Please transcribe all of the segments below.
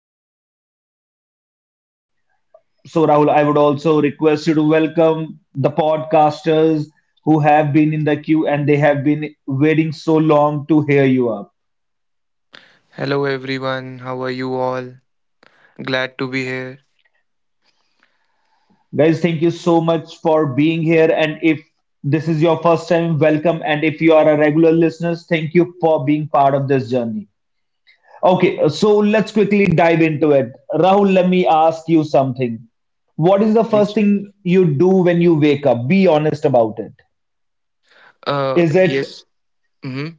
I'm good. How are you? So, Rahul, I would also request you to welcome the podcasters who have been in the queue and they have been waiting so long to hear you up. Hello, everyone. How are you all? Glad to be here. Guys, thank you so much for being here. And if this is your first time, welcome. And if you are a regular listener, thank you for being part of this journey. Okay, so let's quickly dive into it. Rahul, let me ask you something. What is the first Yes. thing you do when you wake up? Be honest about it. Uh, Is it yes. hmm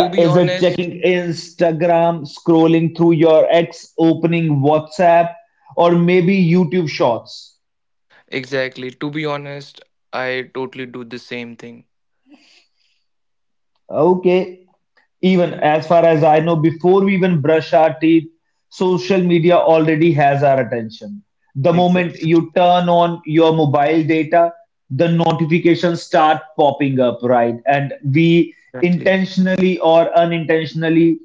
To be is it honest, checking Instagram, scrolling through your ex, opening WhatsApp, or maybe YouTube Shorts? exactly. To be honest, I totally do the same thing. Okay, even as far as I know, before we even brush our teeth, social media already has our attention. The moment Exactly. you turn on your mobile data, the notifications start popping up, right? And we Exactly. intentionally or unintentionally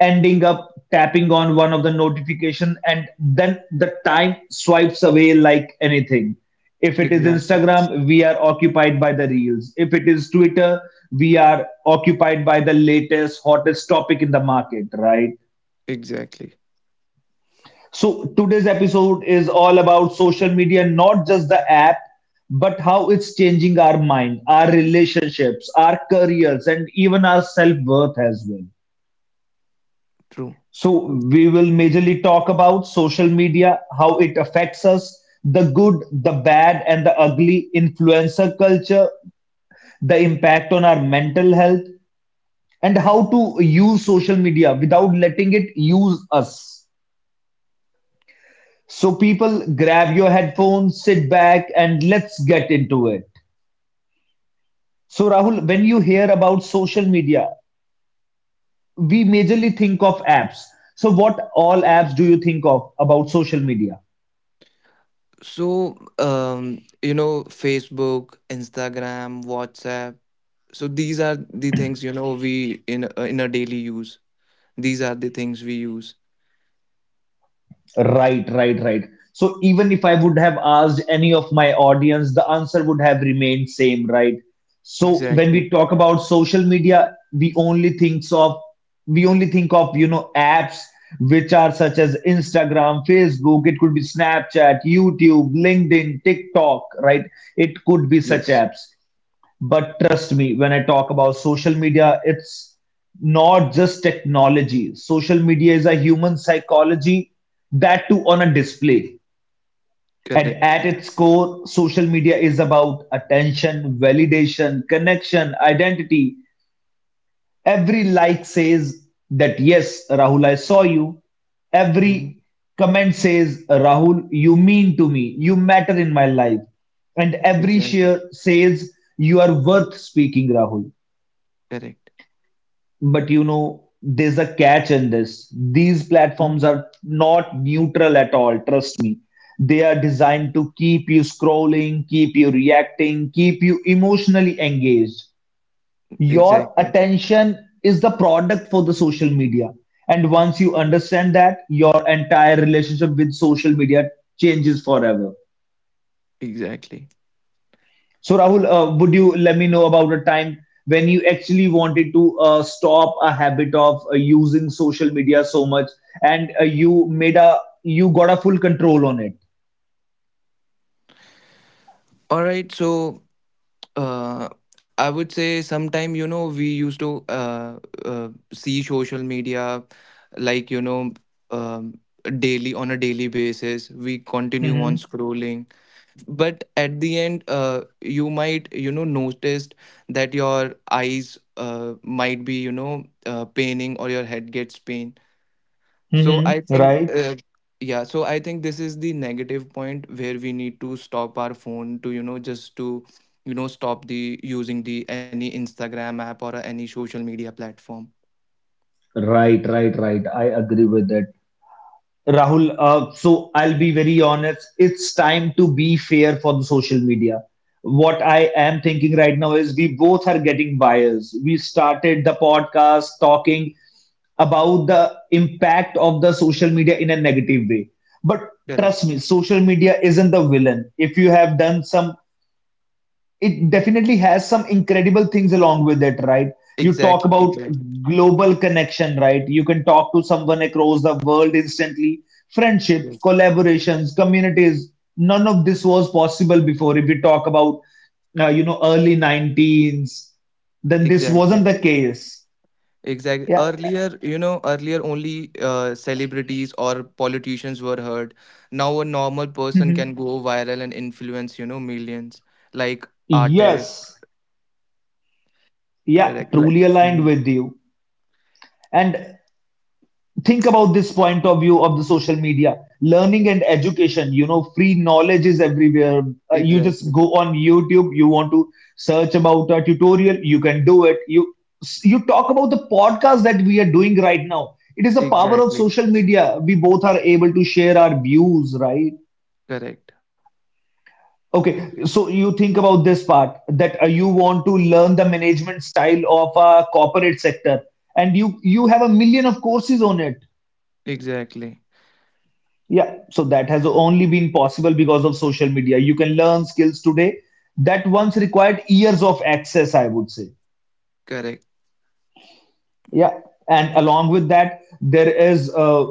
ending up tapping on one of the notification, and then the time swipes away like anything. If it is Exactly. Instagram, we are occupied by the reels. If it is Twitter, we are occupied by the latest hottest topic in the market, right? Exactly. So today's episode is all about social media, not just the app, but how it's changing our mind, our relationships, our careers, and even our self-worth as well. True. So we will majorly talk about social media, how it affects us, the good, the bad, and the ugly, influencer culture, the impact on our mental health, and how to use social media without letting it use us. So people, grab your headphones, sit back and let's get into it. So Rahul, when you hear about social media, we majorly think of apps. So what all apps do you think of about social media? Facebook, Instagram, WhatsApp. So these are the things we in a daily use. These are the things we use. Right, right, right. So even if I would have asked any of my audience, the answer would have remained same, right? So when Exactly. we talk about social media, we only think of apps which are such as Instagram, Facebook, it could be Snapchat, YouTube, LinkedIn, TikTok, right? It could be such Yes. apps. But trust me, when I talk about social media, it's not just technology. Social media is a human psychology, that too on a display. Correct. And at its core, social media is about attention, validation, connection, identity. Every like says that, yes, Rahul, I saw you. Mm-hmm. Every comment says, Rahul, you mean to me. You matter in my life. And every Exactly. share says, you are worth speaking, Rahul. Correct. But you know there's a catch in this. These Mm, platforms are not neutral at all, trust me. They are designed to keep you scrolling, keep you reacting, keep you emotionally engaged. Your exactly. attention is the product for the social media, and once you understand that, your entire relationship with social media changes forever. Exactly. So, Rahul, would you let me know about a time when you actually wanted to stop a habit of using social media so much, and you made a you got a full control on it? All right. Uh, I would say sometime, we used to see social media like, you know, um, daily on a daily basis. We continue on Mm-hmm. scrolling. But at the end, you might, noticed that your eyes might be, paining or your head gets pain. So I Mm-hmm. think, Right. I think this is the negative point where we need to stop our phone to, just to, stop the using the any Instagram app or any social media platform. Right, right, right. I agree with it. Rahul, so I'll be very honest. It's time to be fair for the social media. What I am thinking right now is we both are getting biased. We started the podcast talking about the impact of the social media in a negative way. But Correct. trust me, social media isn't the villain. If you have done some, it definitely has some incredible things along with it, right? You talk Exactly, about exactly. global connection, right? You can talk to someone across the world instantly. Friendships, Yes. collaborations, communities. None of this was possible before. If we talk about, early 19s, then this Exactly. wasn't the case. Exactly. Yeah. Earlier, earlier only celebrities or politicians were heard. Now a normal person can Mhm. go viral and influence, millions, like artists. Yes. Yeah. Correct. Like. Truly aligned Mhm. with you. And think about this point of view of the social media, learning and education. You know, free knowledge is everywhere. You just Exactly. go on YouTube, you want to search about a tutorial, you can do it. You talk about the podcast that we are doing right now. It is the power of Exactly. social media, we both are able to share our views, right? Correct. Okay, so you think about this part that you want to learn the management style of a corporate sector, and you have a million of courses on it. Exactly. Yeah, so that has only been possible because of social media. You can learn skills today that once required years of access, I would say. Correct. Yeah, and along with that, there is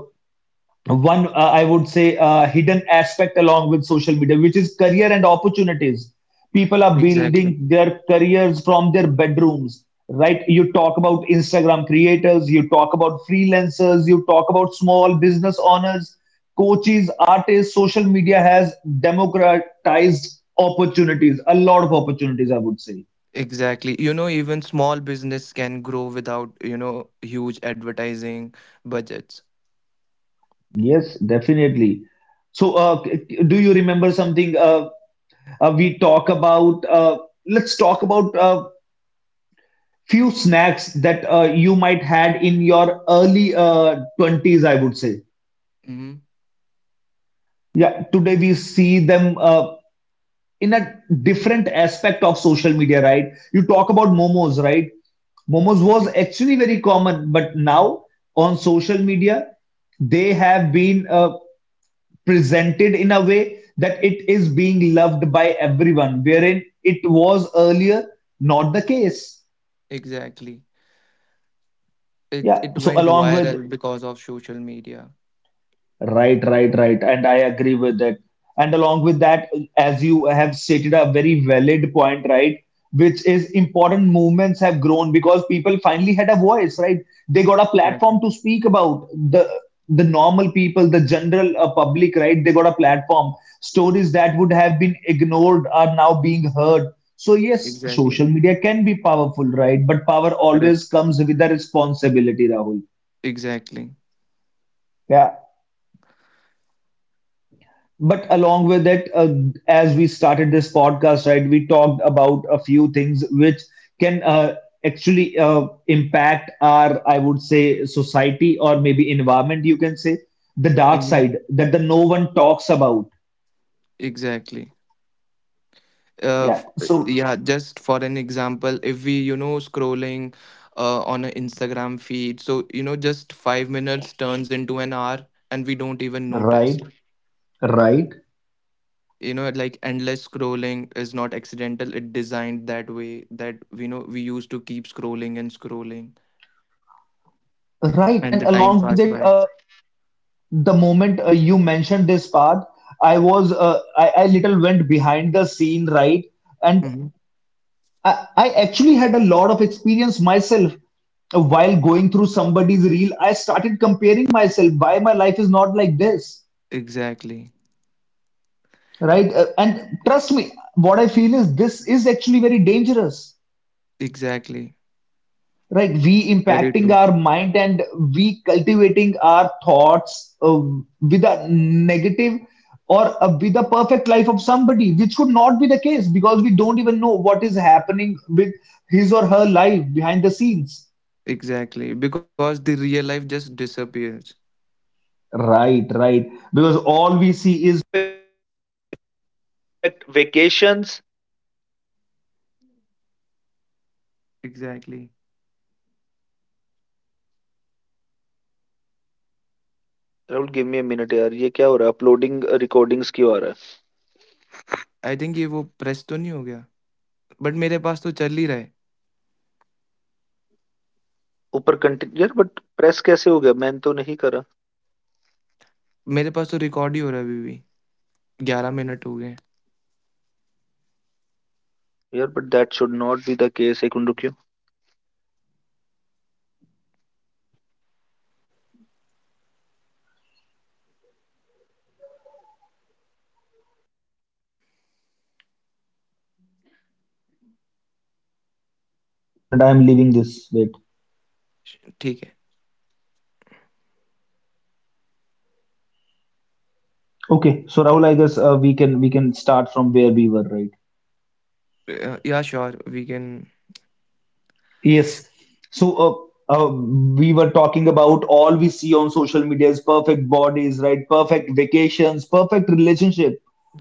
one I would say, hidden aspect along with social media, which is career and opportunities. People are Exactly. building their careers from their bedrooms, right? You talk about Instagram creators, you talk about freelancers, you talk about small business owners, coaches, artists. Social media has democratized opportunities, a lot of opportunities, I would say. Exactly. You know, even small business can grow without, huge advertising budgets. Yes, definitely. So do you remember something we talk about let's talk about few snacks that you might had in your early 20s, I would say. hmm Yeah, today we see them in a different aspect of social media, right? You talk about momos, right? Momos was Okay. actually very common, but now on social media they have been presented in a way that it is being loved by everyone, wherein it was earlier not the case. Exactly. It Yeah. it So went along with viral because of social media. right, right, right, and I agree with it. And along with that, as you have stated a very valid point, right, which is important movements have grown because people finally had a voice, right? They got a platform Exactly. to speak about the normal people, the general public, right? They got a platform. Stories that would have been ignored are now being heard. So yes, Exactly. social media can be powerful, right? But power Correct. always comes with a responsibility, Rahul. Exactly. Yeah. But along with it, as we started this podcast, right, we talked about a few things which can actually impact our, I would say, society or maybe environment, you can say, the dark Mhm. side that the no one talks about. Exactly. Uh, f- Yeah, so yeah, just for an example, if we, scrolling on an Instagram feed, so, just 5 minutes turns into an hour and we don't even notice. right, right, You know, like endless scrolling is not accidental. It designed that way that we used to keep scrolling and scrolling, right. and the And time along with passed it, by. The moment you mentioned this part, I was I little went behind the scene, right? And hmm I actually had a lot of experience myself while going through somebody's reel. I started comparing myself why my life is not like this, exactly. right? And trust me, what I feel is this is actually very dangerous, Exactly. right? We Very impacting true. our mind, and we cultivating our thoughts with a negative or with a perfect life of somebody, which would not be the case because we don't even know what is happening with his or her life behind the scenes. Exactly, because the real life just disappears. Right, right. Because all. Exactly. I think ये वो press तो नहीं हो गया, but मेरे पास तो चल ही रहा है। मेरे पास तो रिकॉर्ड ही हो रहा है अभी भी। ग्यारह मिनट हो गए हैं। 8 minute. I am leaving this. Wait. ठीक Okay. So Rahul, I guess we can start from where we were, right? है। या sure we can. Yes. So we were talking about all we see on social media is perfect bodies, right? Perfect vacations, perfect relationship.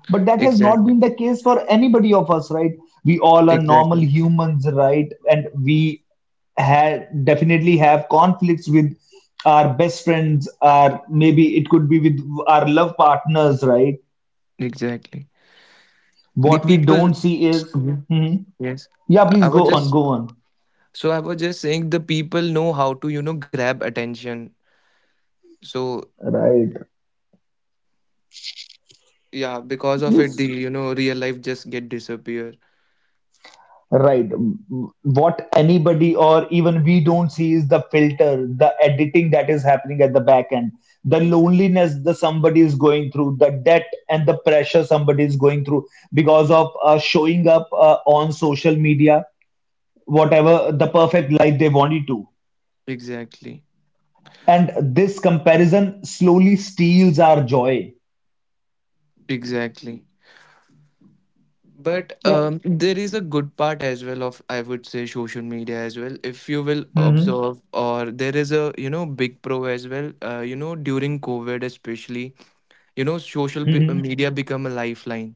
But that has not exactly. been the case for anybody of us, right? We all are exactly. normal humans, right? And we have definitely have conflicts with our best friends, our maybe it could be with our love partners, right? Exactly. The What we people. don't see is, hmm, Yes. yeah, I please was go on, just go on. I was just saying the people know how to, grab attention. So Right. yeah, because of it Yes. Real life just get disappear. Right. What anybody or even we don't see is the filter, the editing that is happening at the back end, the Exactly. loneliness that somebody is going through, the debt and the pressure somebody is going through because of showing up on social media, whatever the perfect life they wanted to. Exactly. And this comparison slowly steals our joy. Exactly. But Yeah. There is a good part as well of, I would say, social media as well. If you will Hmm. observe, or there is a, big pro as well, during COVID especially, social media become a lifeline.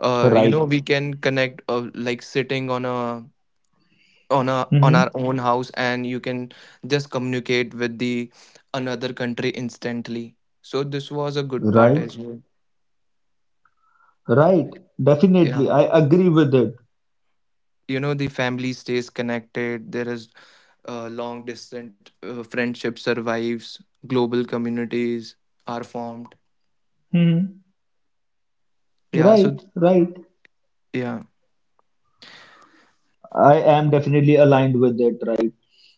Right. We can connect like sitting on a on a on Mm-hmm. our own house, and you can just communicate with the another country instantly. So this was a good part Right. as well. Right. Definitely. Yeah, I agree with it. The family stays connected. There is long distant friendship survives. Global communities are formed. Mm-hmm. Yeah, so Right. Right. yeah. I am definitely aligned with it. Right.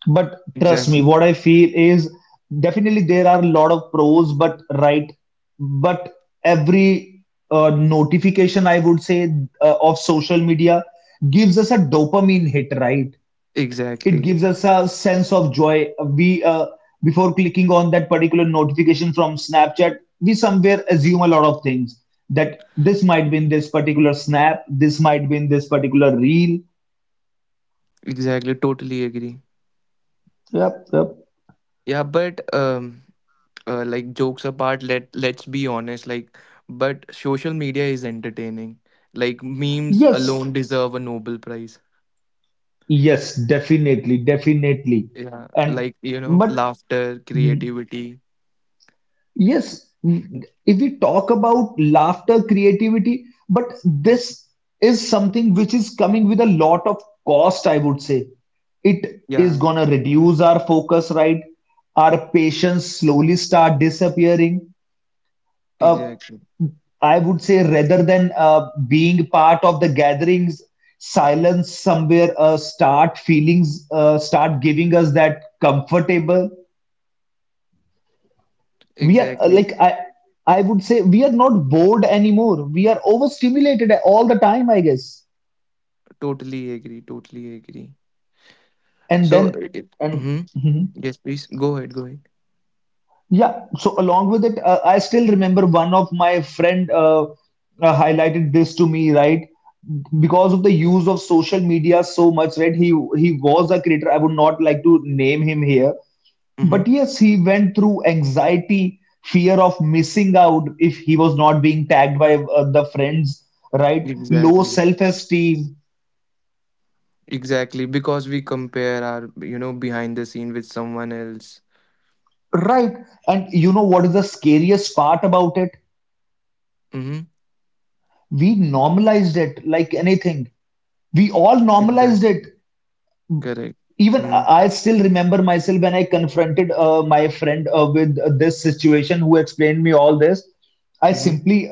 But trust me, Exactly. what I feel is, definitely there are a lot of pros, but right. But every notification, I would say, of social media gives us a dopamine hit, right? It Exactly. gives us a sense of joy. We before clicking on that particular notification from Snapchat, we somewhere assume a lot of things, that this might be in this particular snap, this might be in this particular reel. Exactly. Totally agree. Yep, yep. Yeah, but like jokes apart, let's be honest, like, but social media is entertaining, like memes Yes, alone deserve a Nobel Prize. yes, definitely, definitely. Yeah, And like, but laughter, Hmm, creativity. yes, if we talk about laughter, creativity, but this is something which is coming with a lot of cost, I would say. It is Yeah. gonna reduce our focus, right? Our patience slowly start disappearing. Uh, Exactly. I would say rather than being part of the gatherings, silence somewhere start giving us that comfortable. we are uh, Exactly. like i i would say we are not bored anymore, we are overstimulated all the time, I guess. Totally agree. Totally agree. And So then and mm-hmm. Mhm. Yes, please go ahead, go ahead. Yeah, so along with it, I still remember one of my friend highlighted this to me, right? Because of the use of social media so much, right? He was a creator. I would not like to name him here. Mm-hmm. But yes, he went through anxiety, fear of missing out if he was not being tagged by the friends, right? Low Exactly. self esteem, Exactly, because we compare our, behind the scene with someone else. right? And you know what is the scariest part about it? Mm-hmm. We normalized it like anything. We all normalized Exactly. it. Correct. Even I Mm-hmm. I still remember myself when I confronted my friend with this situation, who explained me all this. I Mm-hmm. simply,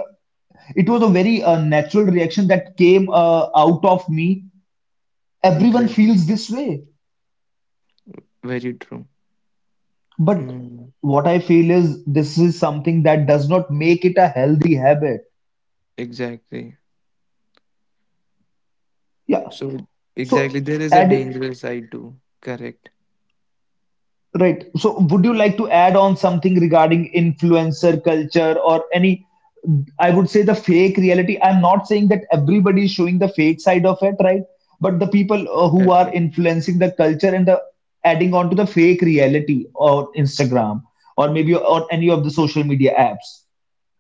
it was a very natural reaction that came out of me. Everyone Exactly. feels this way. Very true. But Mm, what I feel is this is something that does not make it a healthy habit. exactly. Yeah. So exactly, so there is a add dangerous side too. Correct. Right, so would you like to add on something regarding influencer culture or any? I would say the fake reality. I'm not saying that everybody is showing the fake side of it, right? But the people who Yes. are influencing the culture and the adding on to the fake reality on Instagram or maybe on any of the social media apps,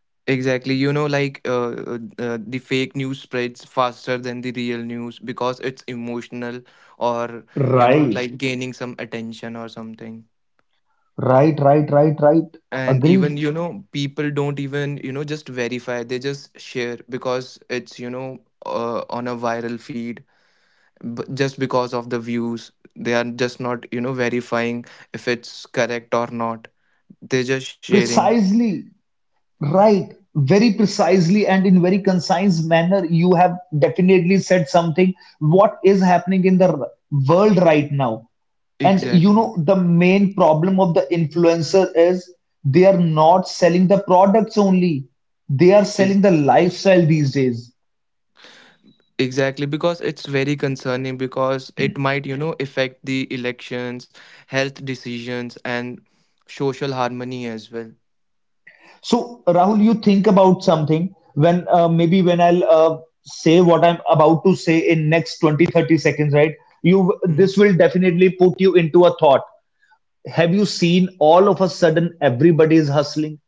Exactly. You know, like the fake news spreads faster than the real news because it's emotional or, right? like gaining some attention or something. Right, right, right, right. And Agreed. even, people don't even, just verify. They just share because it's, on a viral feed. Just because of the views, they are just not, verifying if it's correct or not. They're just sharing. Precisely. Right. Very precisely and in very concise manner, you have definitely said something. What is happening in the world right now? And you Exactly. know, the main problem of the influencer is they are not selling the products only, they are Is. selling the lifestyle these days. Exactly, because it's very concerning, because it might, affect the elections, health decisions, and social harmony as well. So, Rahul, you think about something when maybe when I'll say what I'm about to say in next 20-30 seconds, right? You This Mhm. will definitely put you into a thought. Have you seen all of a sudden everybody is hustling?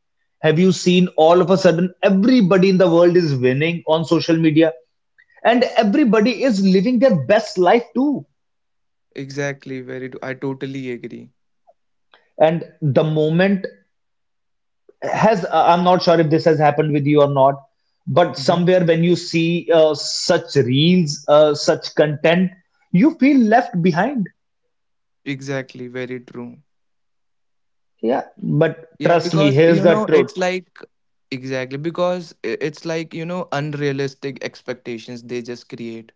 Have you seen all of a sudden everybody in the world is winning on social media and everybody is living their best life too? Exactly, very I totally agree. And the moment has I'm not sure if this has happened with you or not, but hmm somewhere when you see such reels, such content, you feel left behind. exactly. Very true. Yeah, but Yeah, trust me, because, here's the truth. it's like exactly, because it's like, unrealistic expectations they just create.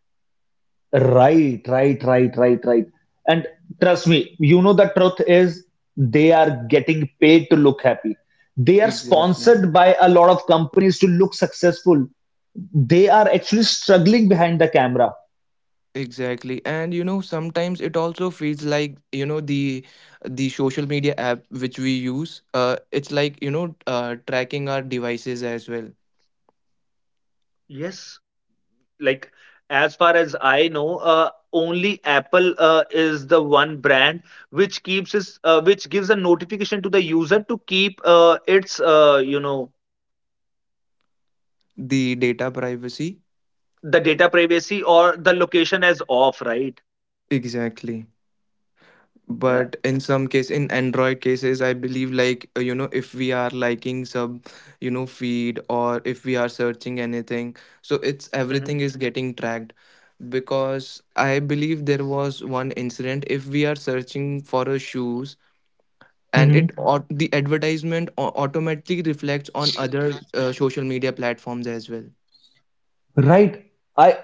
Right, right, right, right, right. And trust me, you know the truth is they are getting paid to look happy, they are Exactly. sponsored by a lot of companies to look successful, they are actually struggling behind the camera. Exactly. And, sometimes it also feels like, the social media app which we use, it's like, tracking our devices as well. The data privacy. Exactly. But in some case, in android cases, I believe, like, if we are liking some, feed, or if we are searching anything, so it's everything is getting tracked, because I believe there was one incident. If we are searching for a shoes, and Mhm. The advertisement automatically reflects on other social media platforms as well. Right? I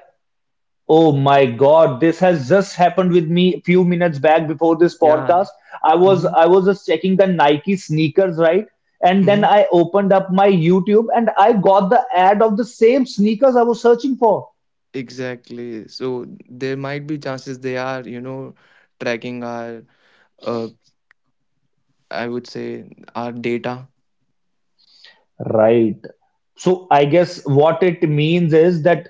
Oh my God, this has just happened with me a few minutes back before this Yeah. podcast. I was hmm I was just checking the Nike sneakers, right? And then hmm I opened up my YouTube and I got the ad of the same sneakers I was searching for. exactly. So there might be chances they are, tracking our uh, I would say, our data. Right. So I guess what it means is that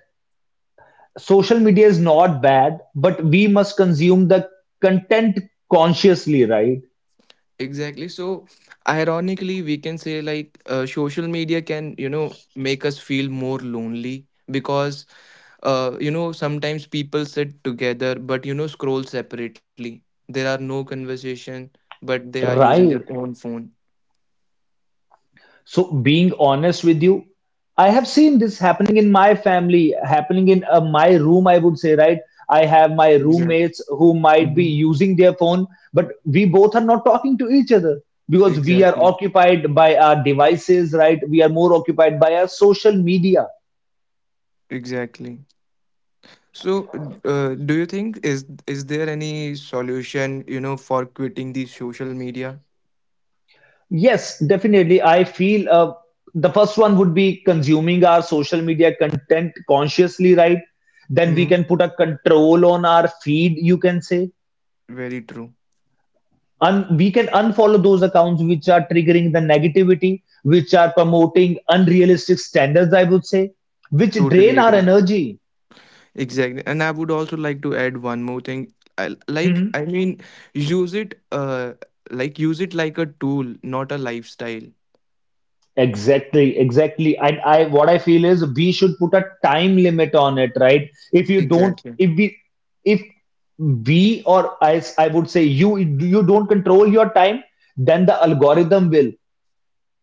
social media is not bad, but we must consume the content consciously, right? Exactly. So, ironically, we can say, like, social media can, make us feel more lonely because, sometimes people sit together but, scroll separately. There are no conversation, but they are using their Right. own phone. So, being honest with you, I have seen this happening in my family, happening in my room, I would say, right? I have my Exactly. roommates who might be hmm using their phone, but we both are not talking to each other because we are Exactly. occupied by our devices, right? We are more occupied by our social media. Exactly. So, do you think is there any solution, for quitting the social media? Yes, definitely. I feel the first one would be consuming our social media content consciously, right? Then we Mm-hmm. can put a control on our feed, you can say. Very true. We can unfollow those accounts which are triggering the negativity, which are promoting unrealistic standards, I would say, which Totally drain our agree. energy. Exactly. And I would also like to add one more thing. Hmm. I mean, use it, like use it like a tool, not a lifestyle. Exactly, exactly. And I what I feel is we should put a time limit on it, right? if you don't Exactly. If we or I I would say you don't control your time, then the algorithm will.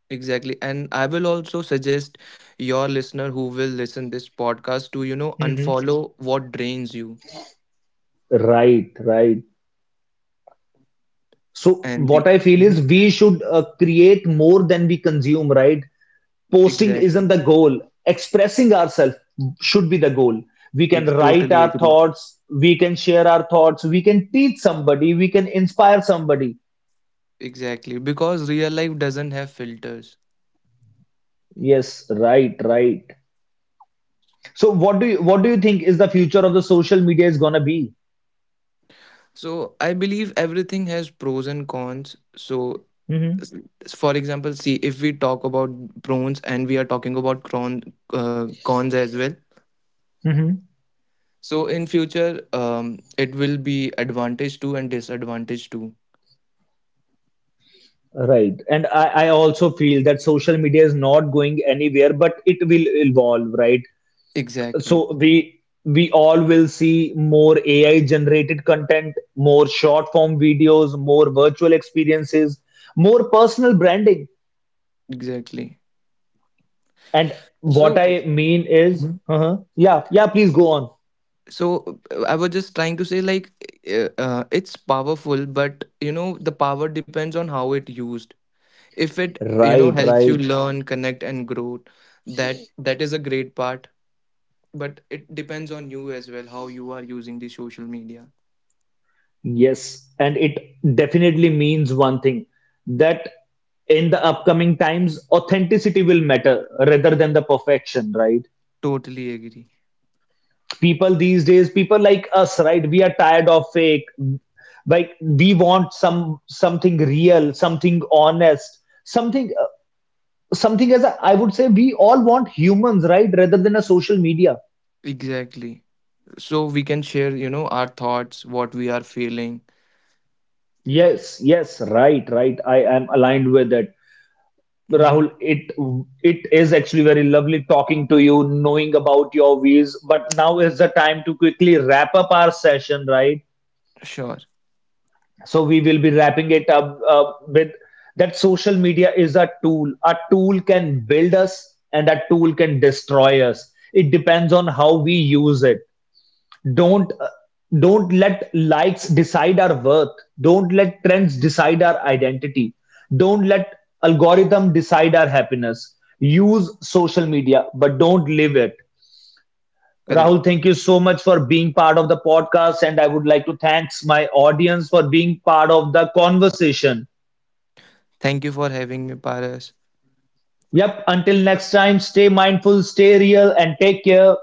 Exactly. And I will also suggest your listener who will listen this podcast to, Hmm. unfollow what drains you. Right, right. So And the. what I feel Mhm. is we should create more than we consume, right? Posting Exactly. isn't the goal. Expressing ourselves should be the goal. We can write Totally our agree. thoughts, we can share our thoughts, we can teach somebody, we can inspire somebody. Exactly. Because real life doesn't have filters. Yes, right, right. So what do you think is the future of the social media is gonna be? So I believe everything has pros and cons. So, Mm-hmm. for example, see, if we talk about pros and we are talking about cons as well, Mm-hmm. so in future, it will be advantage too and disadvantage too. Right. And I also feel that social media is not going anywhere, but it will evolve, right? Exactly. So we all will see more AI generated content, more short form videos, more virtual experiences, more personal branding. Exactly. And what So I mean is mhm. uh-huh, yeah, yeah, please go on. So I was just trying to say, like, it's powerful, but, the power depends on how it used. If it, Right, helps you right. learn, connect, and grow, that is a great part. But it depends on you as well how you are using the social media. Yes, and it definitely means one thing, that in the upcoming times, authenticity will matter rather than the perfection, right? Totally agree. People these days, people like us, right, we are tired of fake. Like, we want something real, something honest, something as a, I would say, we all want humans, right, rather than a social media. Exactly. So we can share, our thoughts, what we are feeling. Yes, yes, right, right, I am aligned with it. hmm Rahul, it is actually very lovely talking to you, knowing about your views, but now is the time to quickly wrap up our session, right? Sure. So we will be wrapping it up with that social media is a tool. A tool can build us and a tool can destroy us. It depends on how we use it. don't uh, don't let likes decide our worth. Don't let trends decide our identity. Don't let algorithm decide our happiness. Use social media, but don't live it. Correct. Rahul, thank you so much for being part of the podcast. And I would like to thanks my audience for being part of the conversation. Thank you for having me, Paras. Yep, until next time, stay mindful, stay real, and take care.